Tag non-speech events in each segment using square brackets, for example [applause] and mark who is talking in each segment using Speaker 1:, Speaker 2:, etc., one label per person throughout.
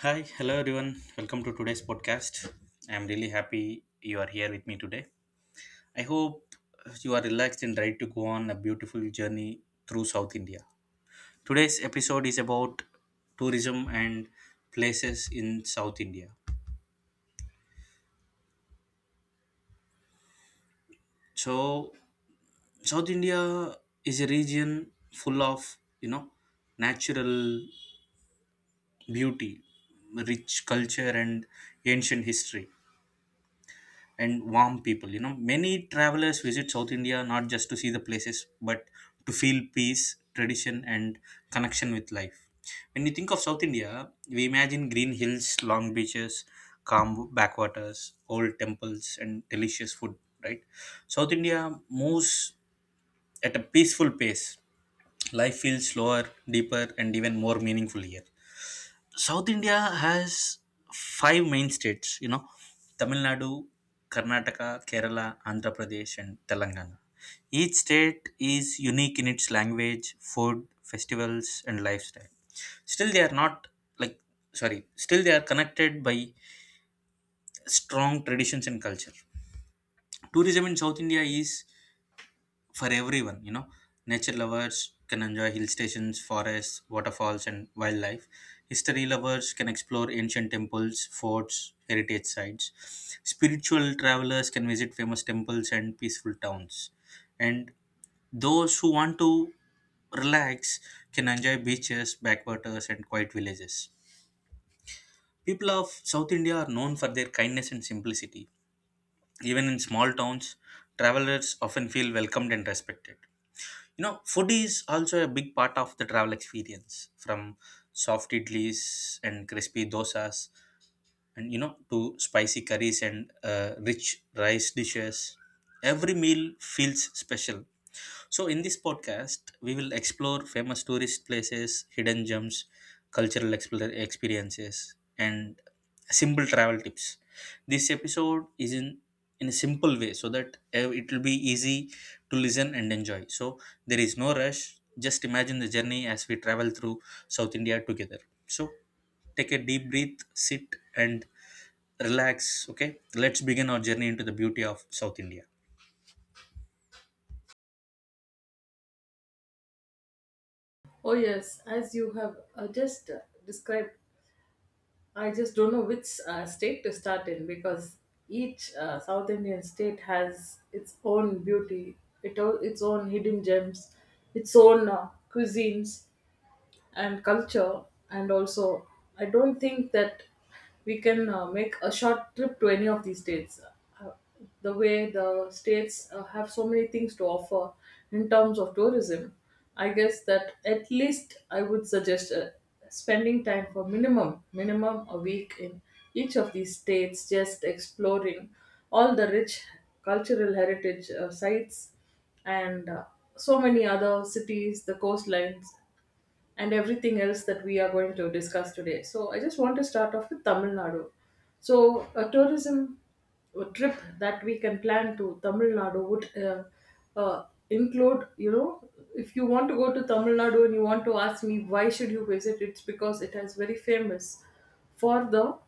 Speaker 1: Hi, hello everyone. Welcome to today's podcast. I'm really happy you are here with me today. I hope you are relaxed and ready to go on a beautiful journey through South India. Today's episode is about tourism and places in South India. So, South India is a region full of, natural beauty, rich culture, and ancient history, and warm people. Many travelers visit South India not just to see the places, but to feel peace, tradition, and connection with life. When you think of South India, we imagine green hills, long beaches, calm backwaters, old temples, and delicious food. Right? South India moves at a peaceful pace. Life feels slower, deeper, and even more meaningful here. South India has five main states: Tamil Nadu, Karnataka, Kerala, Andhra Pradesh, and Telangana. Each state is unique in its language, food, festivals, and lifestyle. Still, they are not like, still they are connected by strong traditions and culture. Tourism in South India is for everyone. Nature lovers can enjoy hill stations, forests, waterfalls, and wildlife. History lovers can explore ancient temples, forts, heritage sites. Spiritual travelers can visit famous temples and peaceful towns, and those who want to relax can enjoy beaches, backwaters, and quiet villages. People of South India are known for their kindness and simplicity. Even in small towns, travelers often feel welcomed and respected. Food is also a big part of the travel experience. From soft idlis and crispy dosas, and to spicy curries and rich rice dishes, every meal feels special. So, in this podcast, we will explore famous tourist places, hidden gems, cultural experiences, and simple travel tips. This episode is in a simple way so that it will be easy to listen and enjoy. So, there is no rush. Just imagine the journey as we travel through South India together. So, take a deep breath, sit, and relax. Okay, let's begin our journey into the beauty of South India.
Speaker 2: Oh yes, as you have just described, I just don't know which state to start in, because each South Indian state has its own beauty, its own hidden gems, its own cuisines, and culture, and also I don't think that we can make a short trip to any of these states. Uh, the way the states have so many things to offer in terms of tourism, I guess that at least I would suggest spending time for minimum a week in each of these states, just exploring all the rich cultural heritage sites, and so many other cities, the coastlines, and everything else that we are going to discuss today. So, I just want to start off with Tamil Nadu. So, a tourism trip that we can plan to Tamil Nadu would include, you know, if you want to go to Tamil Nadu and you want to ask me why should you visit, it's because it has very famous for the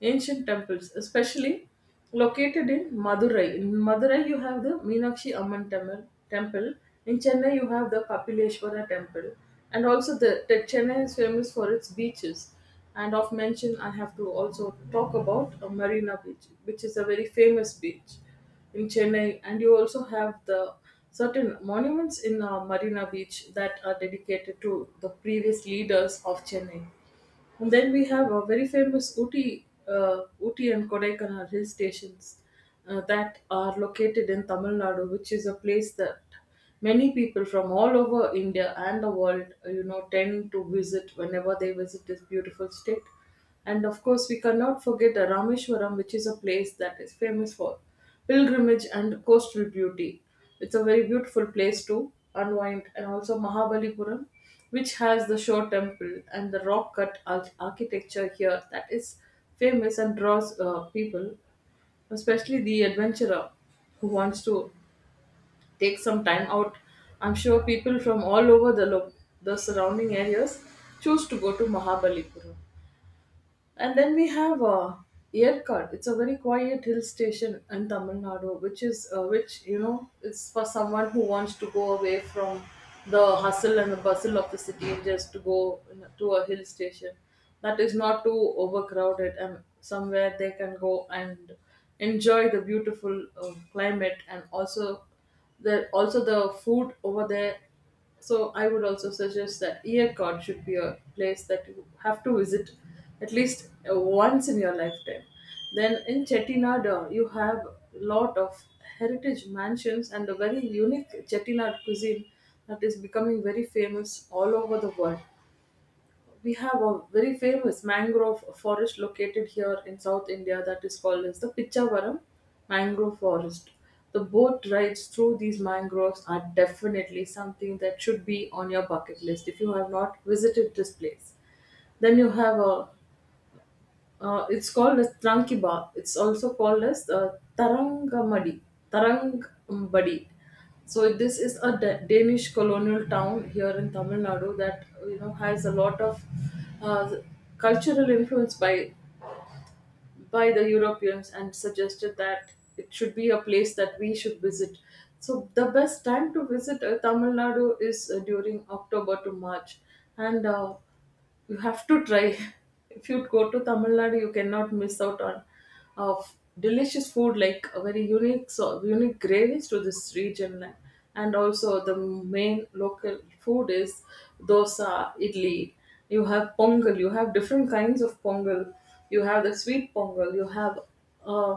Speaker 2: ancient temples, especially located in Madurai. In Madurai, you have the Meenakshi Amman Temple. In Chennai, you have the Kapileshwara Temple, and also the Chennai is famous for its beaches. And of mention, I have to also talk about a Marina Beach, which is a very famous beach in Chennai, and you also have the certain monuments in Marina Beach that are dedicated to the previous leaders of Chennai. And then we have a very famous Uti and Kodaikanal hill stations that are located in Tamil Nadu, which is a place that many people from all over India and the world, you know, tend to visit whenever they visit this beautiful state. And of course, we cannot forget the Rameshwaram, which is a place that is famous for pilgrimage and coastal beauty. It's a very beautiful place to unwind, and also Mahabalipuram, which has the shore temple and the rock cut architecture here that is famous and draws people, especially the adventurer who wants to take some time out. I'm sure people from all over the surrounding areas choose to go to Mahabalipuram. And then we have Yerkad. It's a very quiet hill station in Tamil Nadu, which is which, you know, is for someone who wants to go away from the hustle and the bustle of the city and just to to a hill station that is not too overcrowded and somewhere they can go and enjoy the beautiful climate and also the food over there. So I would also suggest that Earcon should be a place that you have to visit at least once in your lifetime. Then in Chettinad, you have lot of heritage mansions and a very unique Chettinad cuisine that is becoming very famous all over the world. We have a very famous mangrove forest located here in South India that is called as the Pichavaram mangrove forest. The boat rides through these mangroves are definitely something that should be on your bucket list if you have not visited this place. Then you have a it's called as Trankiba. It's also called as Tarangamadi. Tarangambadi. So this is a Danish colonial town here in Tamil Nadu that, you know, has a lot of uh, cultural influence by the Europeans, and suggested that it should be a place that we should visit. So the best time to visit Tamil Nadu is during October to March, and you have to try. [laughs] If you go to Tamil Nadu, you cannot miss out on of delicious food like a very unique, so unique gravies to this region. And also the main local food is dosa, idli, you have pongal, you have different kinds of pongal. You have the sweet pongal, you have uh,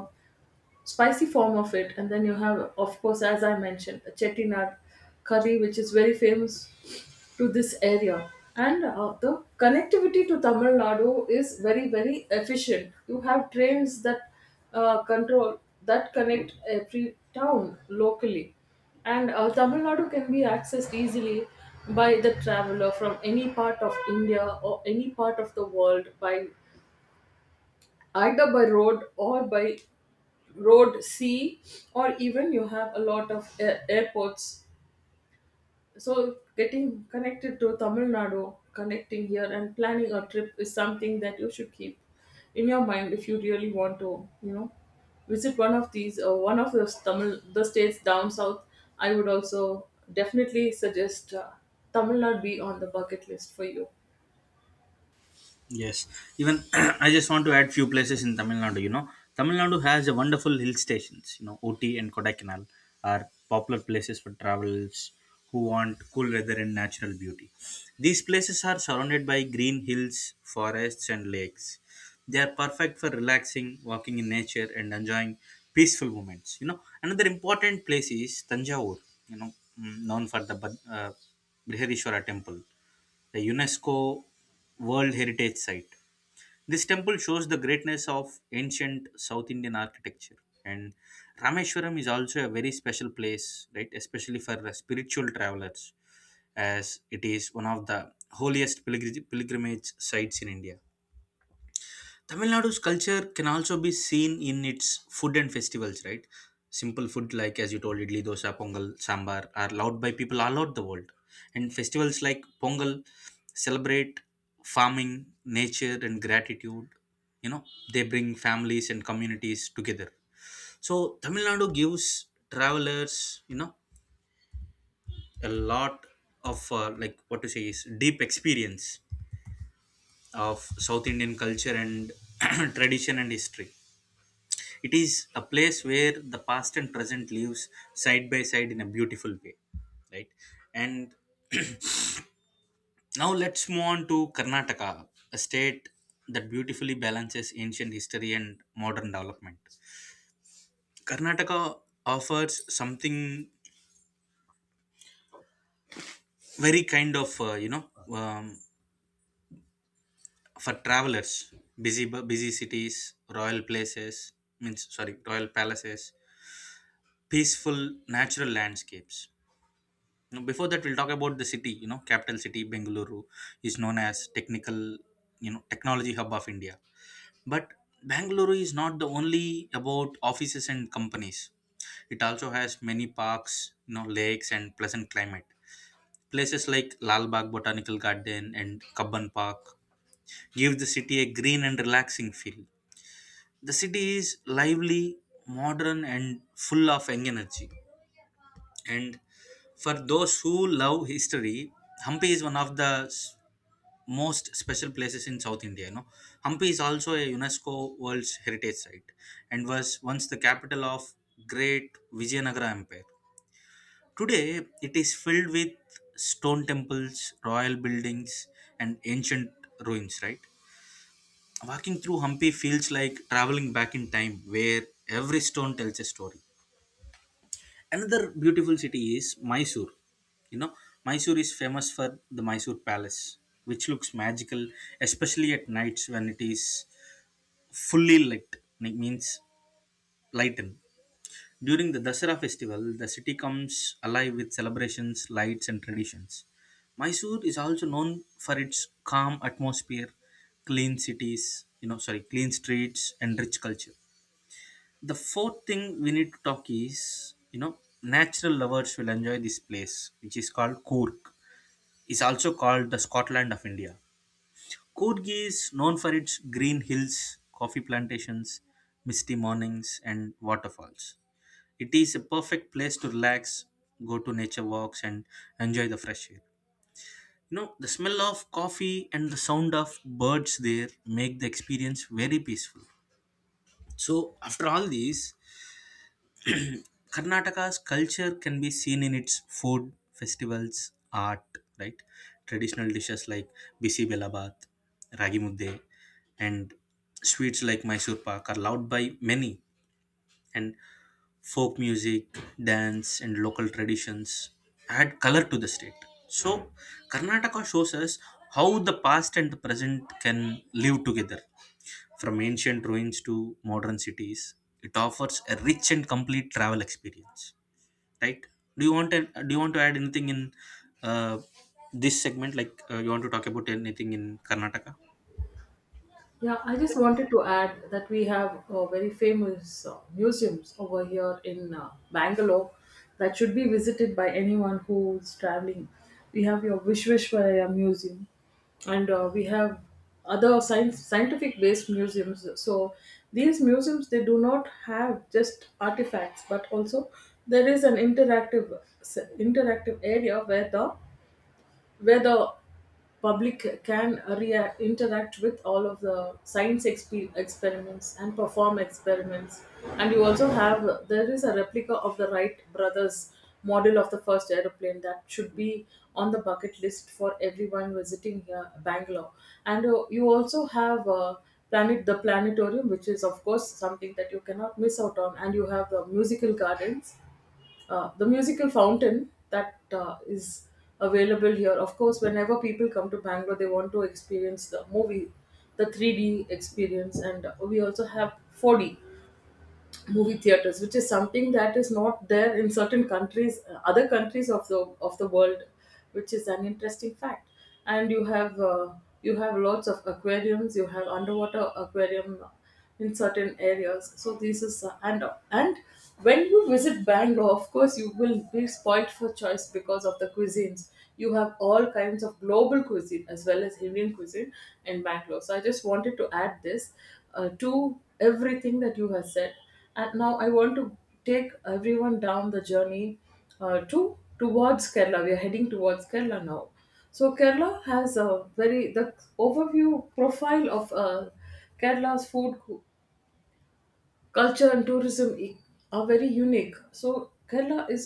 Speaker 2: spicy form of it, and then you have, of course, as I mentioned, a Chettinad curry, which is very famous to this area. And the connectivity to Tamil Nadu is very efficient. You have trains that control that connect every town locally. And Tamil Nadu can be accessed easily by the traveler from any part of India or any part of the world by either by road or by road, sea, or even you have a lot of airports. So, getting connected to Tamil Nadu, connecting here, and planning a trip is something that you should keep in your mind if you really want to, you know, visit one of these one of those Tamil the states down south. I would also definitely suggest Tamil Nadu be on the bucket list for you.
Speaker 1: Yes, even [clears throat] I just want to add few places in Tamil Nadu. Tamil Nadu has a wonderful hill stations. Ooty and Kodaikanal are popular places for travelers who want cool weather and natural beauty. These places are surrounded by green hills, forests, and lakes. They are perfect for relaxing, walking in nature, and enjoying peaceful moments. Another important place is Tanjavur. You know, known for the Brihadeeswara temple, a UNESCO World Heritage Site. This temple shows the greatness of ancient South Indian architecture. And Rameshwaram is also a very special place, right? Especially for spiritual travelers, as it is one of the holiest pilgrimage sites in India. Tamil Nadu's culture can also be seen in its food and festivals, right? Simple food like, as you told, idli, dosa, pongal, sambar are loved by people all over the world. And festivals like Pongal celebrate farming, nature, and gratitude. You know, they bring families and communities together. So Tamil Nadu gives travelers, a lot of like, what to say, is deep experience of South Indian culture and [clears throat] tradition and history. It is a place where the past and present lives side by side in a beautiful way, right? And now let's move on to Karnataka, a state that beautifully balances ancient history and modern development. Karnataka offers something very kind of, for travelers, busy cities, royal places, royal palaces, peaceful natural landscapes. Now before that, we'll talk about the city. Capital city Bengaluru is known as technical, technology hub of India. But Bangalore is not the only about offices and companies. It also has many parks, lakes, and pleasant climate. Places like Lal Bagh Botanical Garden and Kabban Park give the city a green and relaxing feel. The city is lively, modern, and full of young energy. And for those who love history, Hampi is one of the most special places in South India. Hampi is also a UNESCO World Heritage Site and was once the capital of Great Vijayanagara Empire. Today, it is filled with stone temples, royal buildings, and ancient ruins. Right, walking through Hampi feels like traveling back in time, where every stone tells a story. Another beautiful city is Mysore. You know, Mysore is famous for the Mysore Palace, which looks magical, especially at nights when it is fully lit, it means lightened. During the Dasara festival, the city comes alive with celebrations, lights, and traditions. Mysore is also known for its calm atmosphere, clean cities, clean streets, and rich culture. The fourth thing we need to talk is, Natural lovers will enjoy this place, which is called Cork. It's also called the Scotland of India. Cork is known for its green hills, coffee plantations, misty mornings, and waterfalls. It is a perfect place to relax, go to nature walks, and enjoy the fresh air. The smell of coffee and the sound of birds there make the experience very peaceful. So, after all these, Karnataka's culture can be seen in its food, festivals, art, right? Traditional dishes like bisi belabat, ragi mudde, and sweets like Mysore pak are loved by many. And folk music, dance, and local traditions add color to the state. So, Karnataka shows us how the past and the present can live together, from ancient ruins to modern cities. It offers a rich and complete travel experience, right? do you want to do you want to add anything in, uh, this segment, like, you want to talk about anything in Karnataka?
Speaker 2: Yeah, I just wanted to add that we have very famous museums over here in Bangalore that should be visited by anyone who's traveling. We have your Vishveshwaraya Museum, and we have other science, scientific-based museums. So these museums, they do not have just artifacts, but also there is an interactive area where the public can interact with all of the science experiments and perform experiments. And you also have, there is a replica of the Wright Brothers model of the first aeroplane that should be on the bucket list for everyone visiting here Bangalore. And you also have planet the planetarium, which is of course something that you cannot miss out on. And you have the musical gardens, the musical fountain that is available here. Of course, whenever people come to Bangalore, they want to experience the movie, the 3D experience, and we also have 4D movie theaters, which is something that is not there in certain countries, other countries of the world, which is an interesting fact. And you have lots of aquariums, you have underwater aquarium in certain areas. So this is and when you visit Bangalore, of course you will be spoilt for choice because of the cuisines. You have all kinds of global cuisine as well as Indian cuisine in Bangalore. So I just wanted to add this to everything that you have said. And now I want to take everyone down the journey to towards Kerala. We are heading towards Kerala now. So Kerala has a very the overview profile of Kerala's culture and tourism are very unique. So Kerala is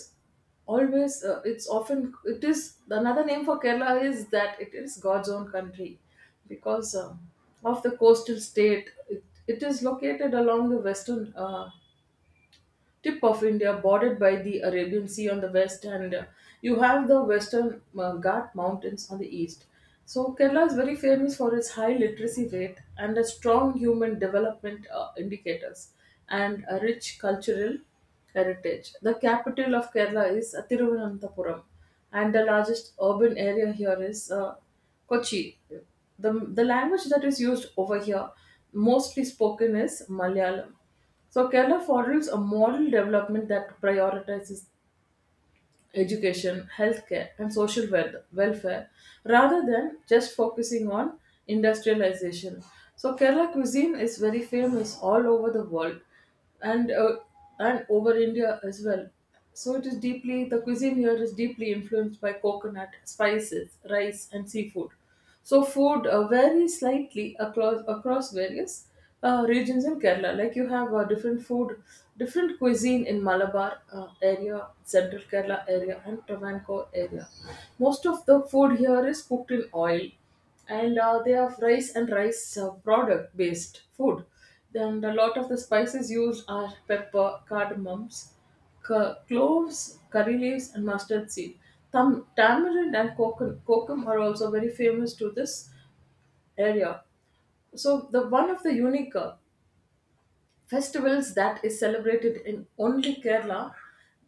Speaker 2: always it's often it is another name for Kerala is that it is God's own country, because of the coastal state. it, it is located along the western tip of India, bordered by the Arabian Sea on the west, and you have the Western Ghat Mountains on the east. So, Kerala is very famous for its high literacy rate and a strong human development indicators and a rich cultural heritage. The capital of Kerala is Thiruvananthapuram, and the largest urban area here is Kochi. The language that is used over here, mostly spoken, is Malayalam. So Kerala models a model development that prioritizes education, healthcare, and social welfare rather than just focusing on industrialization. So Kerala cuisine is very famous all over the world and over India as well. So it is deeply the cuisine here is deeply influenced by coconut, spices, rice, and seafood. So food varies slightly across various regions in Kerala. Like you have different food, different cuisine in Malabar area, Central Kerala area, and Travancore area. Most of the food here is cooked in oil, and they have rice and rice product based food. Then a lot of the spices used are pepper, cardamoms, cloves, curry leaves, and mustard seed. Tamarind and cocum are also very famous to this area. So the one of the unique festivals that is celebrated in only Kerala,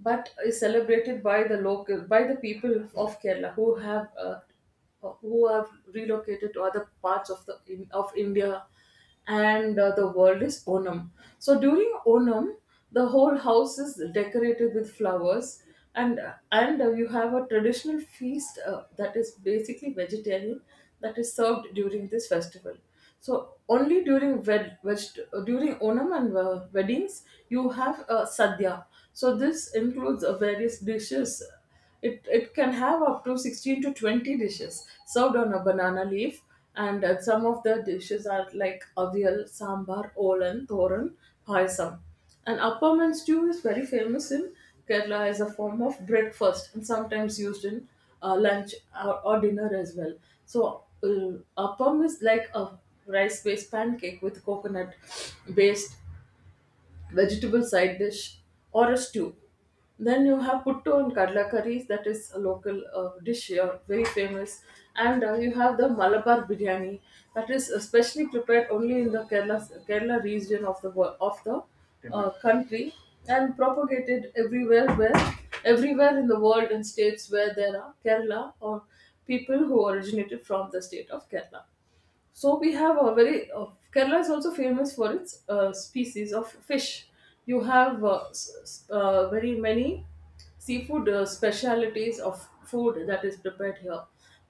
Speaker 2: but is celebrated by the local by the people of Kerala who have who have relocated to other parts of of India and the world is Onam. So during Onam, the whole house is decorated with flowers, and and you have a traditional feast that is basically vegetarian, that is served during this festival. So only during Onam and weddings, you have sadhya. So this includes various dishes. It can have up to 16 to 20 dishes served on a banana leaf, and some of the dishes are like avial, sambar, olan, thoran, payasam. And appam and stew is very famous in Kerala as a form of breakfast and sometimes used in lunch or dinner as well. So, appam is like a rice based pancake with coconut based vegetable side dish or a stew. Then you have puttu and kadla curries, that is a local dish here, very famous. And You have the Malabar biryani, that is especially prepared only in the Kerala region of the country and propagated everywhere in the world, in states where there are Kerala or people who originated from the state of Kerala. So we have a very Kerala is also famous for its species of fish. You have very many seafood specialities of food that is prepared here.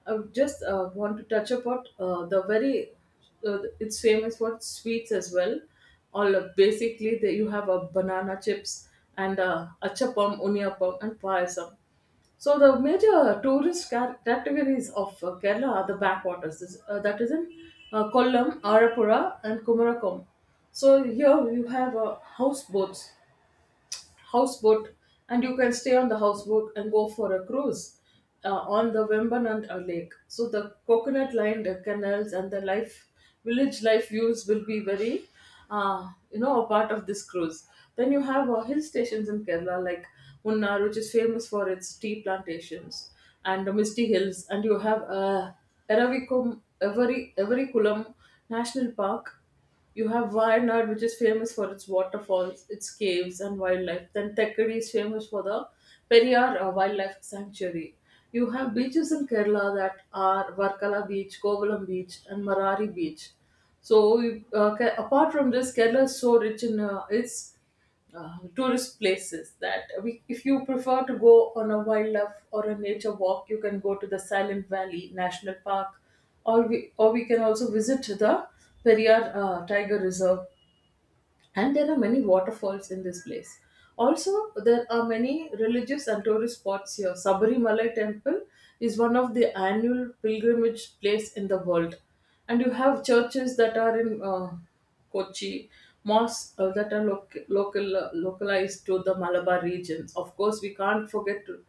Speaker 2: I just want to touch upon the very it's famous for sweets as well. All basically, the, you have a banana chips and achapam, uniappam, and payasam. So the major categories of Kerala are the backwaters. That is in Kollam, Arapura, and Kumarakom. So here you have houseboats houseboat and you can stay on the houseboat and go for a cruise on the Wembanand lake. So the coconut lined canals and the life village life views will be very a part of this cruise. Then you have hill stations in Kerala like Munnar, which is famous for its tea plantations and the misty hills, and you have Everikulam National Park. You have Wayanad, which is famous for its waterfalls, its caves, and wildlife. Then Thekkady is famous for the Periyar Wildlife Sanctuary. You have beaches in Kerala that are Varkala Beach, Kovalam Beach, and Marari Beach. Apart from this, Kerala is so rich in its tourist places that if you prefer to go on a wildlife or a nature walk, you can go to the Silent Valley National Park, or we can also visit the Periyar Tiger Reserve, and there are many waterfalls in this place. Also, there are many religious and tourist spots here. Sabarimalai Temple is one of the annual pilgrimage place in the world, and you have churches that are in Kochi, mosques that are local, localized to the Malabar regions. Of course, we can't forget to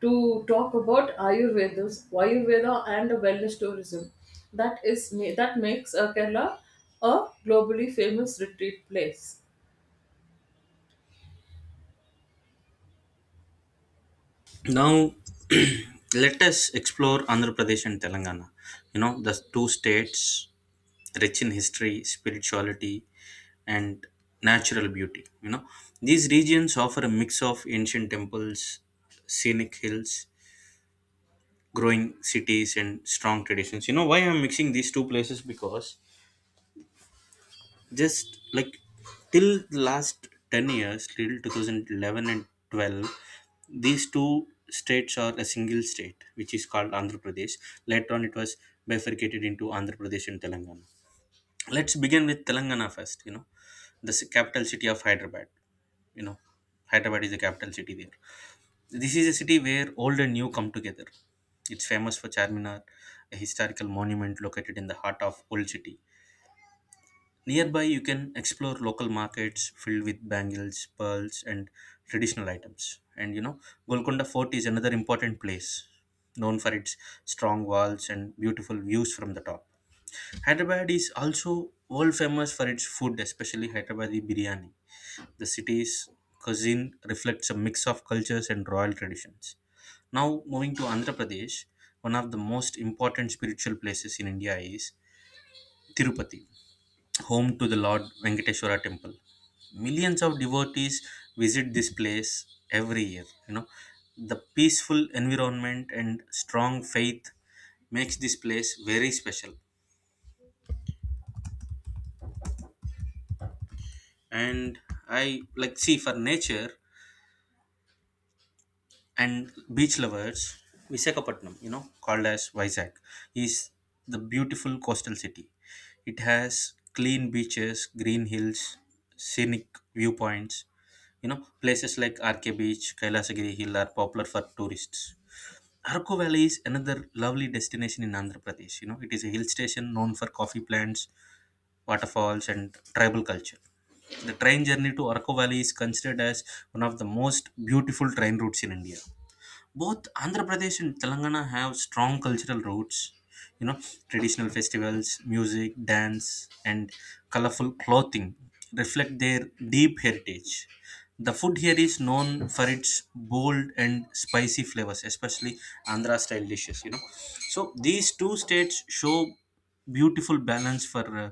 Speaker 2: to talk about Ayurveda and wellness tourism. That makes Kerala a globally famous retreat place.
Speaker 1: Now [clears throat] let us explore Andhra Pradesh and Telangana, the two states rich in history, spirituality, and natural beauty. These regions offer a mix of ancient temples, scenic hills, growing cities, and strong traditions. Why I'm mixing these two places, because just like till the last 10 years, till 2011 and 12, these two states are a single state, which is called Andhra Pradesh. Later on, it was bifurcated into Andhra Pradesh and Telangana. Let's begin with Telangana first. The capital city of Hyderabad, you know Hyderabad is the capital city there. This is a city where old and new come together. It's famous for Charminar, a historical monument located in the heart of old city. Nearby, you can explore local markets filled with bangles, pearls, and traditional items. And, Golconda Fort is another important place, known for its strong walls and beautiful views from the top. Hyderabad is also world famous for its food, especially Hyderabadi biryani. The city's cuisine reflects a mix of cultures and royal traditions. Now, moving to Andhra Pradesh, one of the most important spiritual places in India is Tirupati, home to the Lord Venkateshwara temple. Millions of devotees visit this place every year. The peaceful environment and strong faith makes this place very special. And I like see for nature and beach lovers, Visakhapatnam, called as Vizag, is the beautiful coastal city. It has clean beaches, green hills, scenic viewpoints. Places like RK Beach, Kailasagiri Hill are popular for tourists. Arco Valley is another lovely destination in Andhra Pradesh. It is a hill station known for coffee plants, waterfalls, and tribal culture. The train journey to Arco Valley is considered as one of the most beautiful train routes in India. Both Andhra Pradesh and Telangana have strong cultural roots. You know traditional festivals, music, dance, and colorful clothing reflect their deep heritage. The food here is known for its bold and spicy flavors, especially Andhra style dishes. So, these two states show beautiful balance for uh,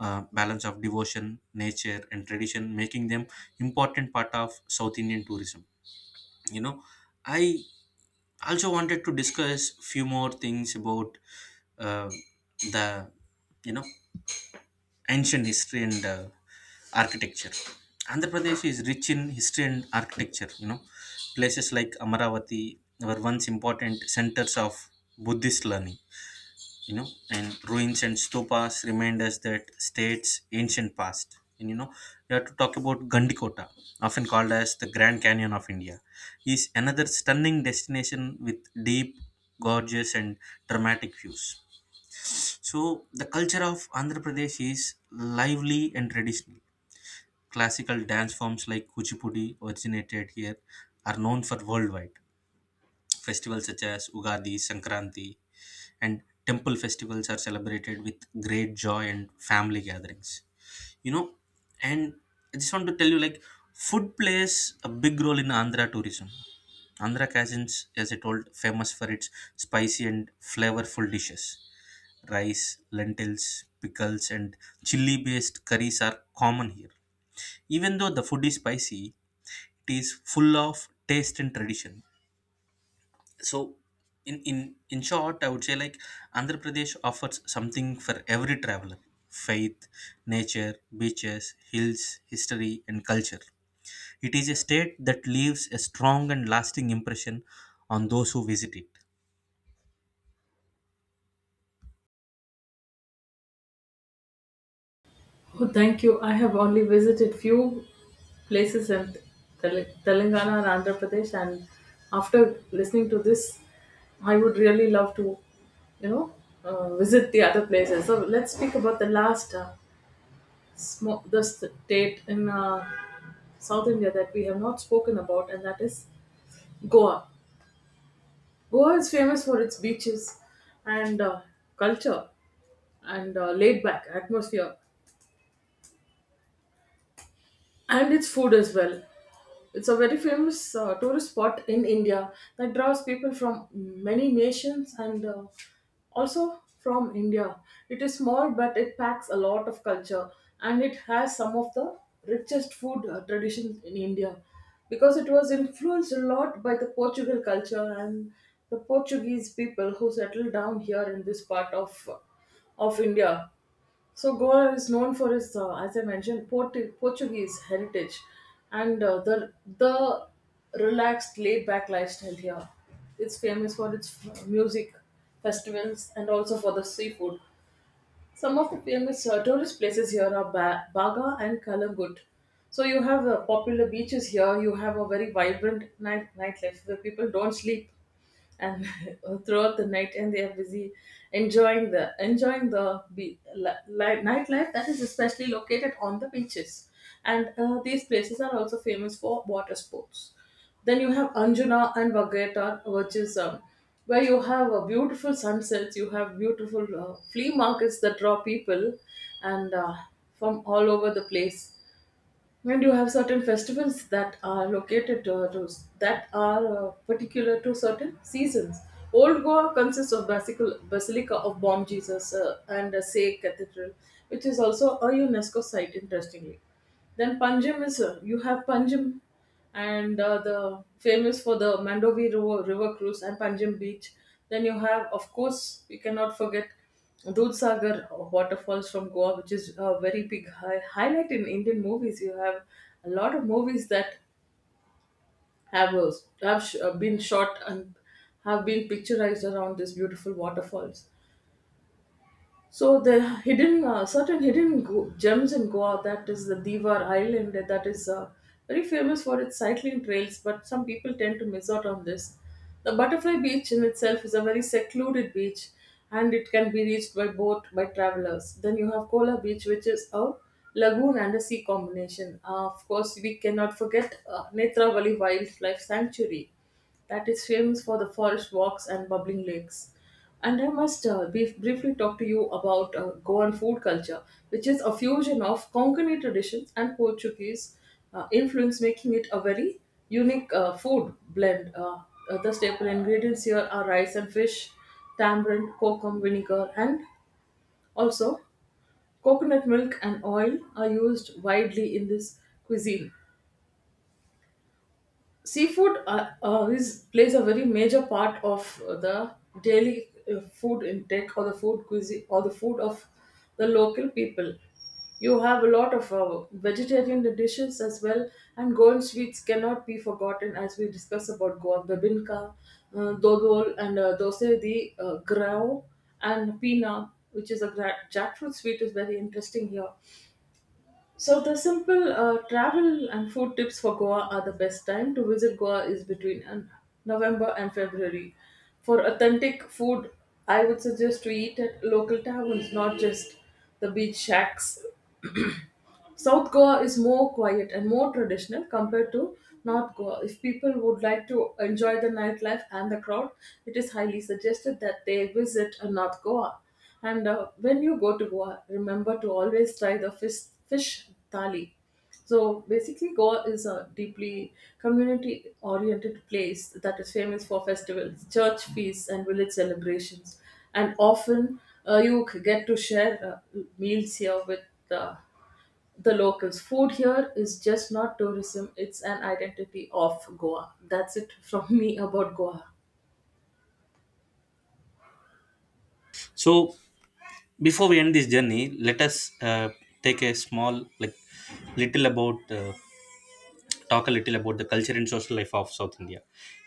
Speaker 1: uh, balance of devotion, nature, and tradition, making them important part of South Indian tourism. you know i I also wanted to discuss few more things about uh, the, you know ancient history and architecture. Andhra Pradesh is rich in history and architecture. Places like Amaravati were once important centers of Buddhist learning. You know and ruins and stupas remind us that state's ancient past. And, we have to talk about Gandikota, often called as the Grand Canyon of India, is another stunning destination with deep gorgeous and dramatic views. So, the culture of Andhra Pradesh is lively and traditional. Classical dance forms like Kuchipudi originated here are known for worldwide. Festivals such as Ugadi, Sankranti, and temple festivals are celebrated with great joy and family gatherings. You know and I just want to tell you, like, food plays a big role in Andhra tourism. Andhra cuisines, as I told, famous for its spicy and flavorful dishes. Rice, lentils, pickles, and chili based curries are common here. Even though the food is spicy, it is full of taste and tradition. So, in in in short, I would say, like, Andhra Pradesh offers something for every traveler: faith, nature, beaches, hills, history, and culture. It is a state that leaves a strong and lasting impression on those who visit it.
Speaker 2: Oh, thank you. I have only visited few places in Telangana and Andhra Pradesh, and after listening to this, I would really love to, you know, visit the other places. So let's speak about the last the state in South India that we have not spoken about, and that is Goa. Goa is famous for its beaches and culture and laid back atmosphere and its food as well. It's a very famous tourist spot in India that draws people from many nations, and also from India. It is small, but it packs a lot of culture, and it has some of the richest food traditions in India, because it was influenced a lot by the Portugal culture and the Portuguese people who settled down here in this part of India. So Goa is known for its, as I mentioned, Portuguese heritage, and uh, the relaxed, laid-back lifestyle here. It's famous for its music, festivals, and also for the seafood. Some of the famous tourist places here are Baga and Kalangut. So you have popular beaches here. You have a very vibrant nightlife where people don't sleep and [laughs] throughout the night, and they are busy enjoying the nightlife that is especially located on the beaches, and these places are also famous for water sports. Then you have Anjuna and Vagator, which is where you have beautiful sunsets. You have beautiful flea markets that draw people, and from all over the place, and you have certain festivals that are particular to certain seasons. Old Goa consists of Basilica of Bom Jesus and a Say Cathedral, which is also a UNESCO site, interestingly. Then you have Panjim, and the famous for the Mandovi River, River cruise, and Panjim Beach. Then you have, of course, we cannot forget Dudhsagar waterfalls from Goa, which is a very big highlight in Indian movies. You have a lot of movies that have uh, been shot and have been picturized around these beautiful waterfalls. So the certain hidden gems in Goa, that is the Divar Island, that is very famous for its cycling trails, but some people tend to miss out on this. The Butterfly Beach in itself is a very secluded beach, and it can be reached by boat by travelers. Then you have Kola Beach, which is a lagoon and a sea combination. Of course, we cannot forget Netravali Wildlife Sanctuary, that is famous for the forest walks and bubbling lakes. And I must briefly talk to you about Goan food culture, which is a fusion of Konkani traditions and Portuguese influence, making it a very unique food blend. The staple ingredients here are rice and fish, tamarind, kokum, vinegar, and also coconut milk and oil are used widely in this cuisine. Seafood is plays a very major part of the daily food intake, or the food cuisine, or the food of the local people. You have a lot of vegetarian dishes as well, and Goan sweets cannot be forgotten, as we discuss about Goan bebinka, dodol, and dose, the grau, and pina, which is a jackfruit sweet, is very interesting here. So the simple travel and food tips for Goa are the best time to visit Goa is between November and February. For authentic food, I would suggest to eat at local taverns, not just the beach shacks. South Goa is more quiet and more traditional compared to North Goa. If people would like to enjoy the nightlife and the crowd, it is highly suggested that they visit North Goa. And when you go to Goa, remember to always try the fish thali. So basically, Goa is a deeply community oriented place that is famous for festivals, church feasts, and village celebrations. And often get to share meals here with uh, the locals. Food here is just not tourism, it's an identity of Goa. That's it from [laughs] me about Goa.
Speaker 1: So, before we end this journey, let us uh, take a small, like, little about, talk a little about the culture and social life of South India.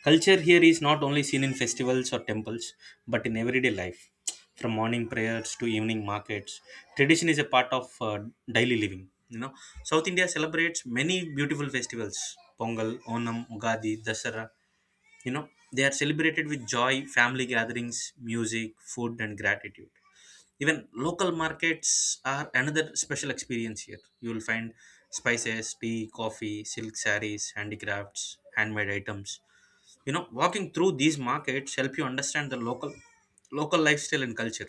Speaker 1: Culture here is not only seen in festivals or temples, but in everyday life, from morning prayers to evening markets. Tradition is a part of daily living. South India celebrates many beautiful festivals: Pongal, Onam, Ugadi, Dasara. You know, they are celebrated with joy, family gatherings, music, food, and gratitude. Even local markets are another special experience here. You will find spices, tea, coffee, silk sarees, handicrafts, handmade items. Walking through these markets help you understand the local lifestyle and culture.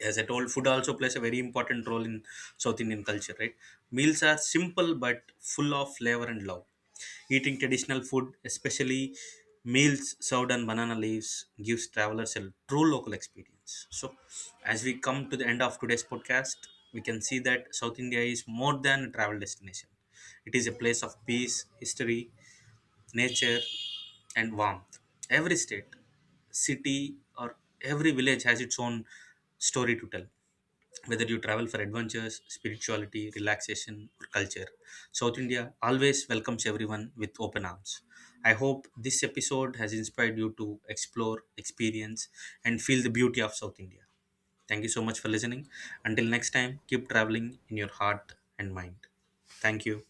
Speaker 1: As I told, food also plays a very important role in South Indian culture, right? Meals are simple but full of flavor and love. Eating traditional food, especially meals served on banana leaves, gives travelers a true local experience. So, as we come to the end of today's podcast, we can see that South India is more than a travel destination. It is a place of peace, history, nature, and warmth. Every state, city, or every village has its own story to tell. Whether you travel for adventures, spirituality, relaxation, or culture, South India always welcomes everyone with open arms. I hope this episode has inspired you to explore, experience, and feel the beauty of South India. Thank you so much for listening. Until next time, keep traveling in your heart and mind. Thank you.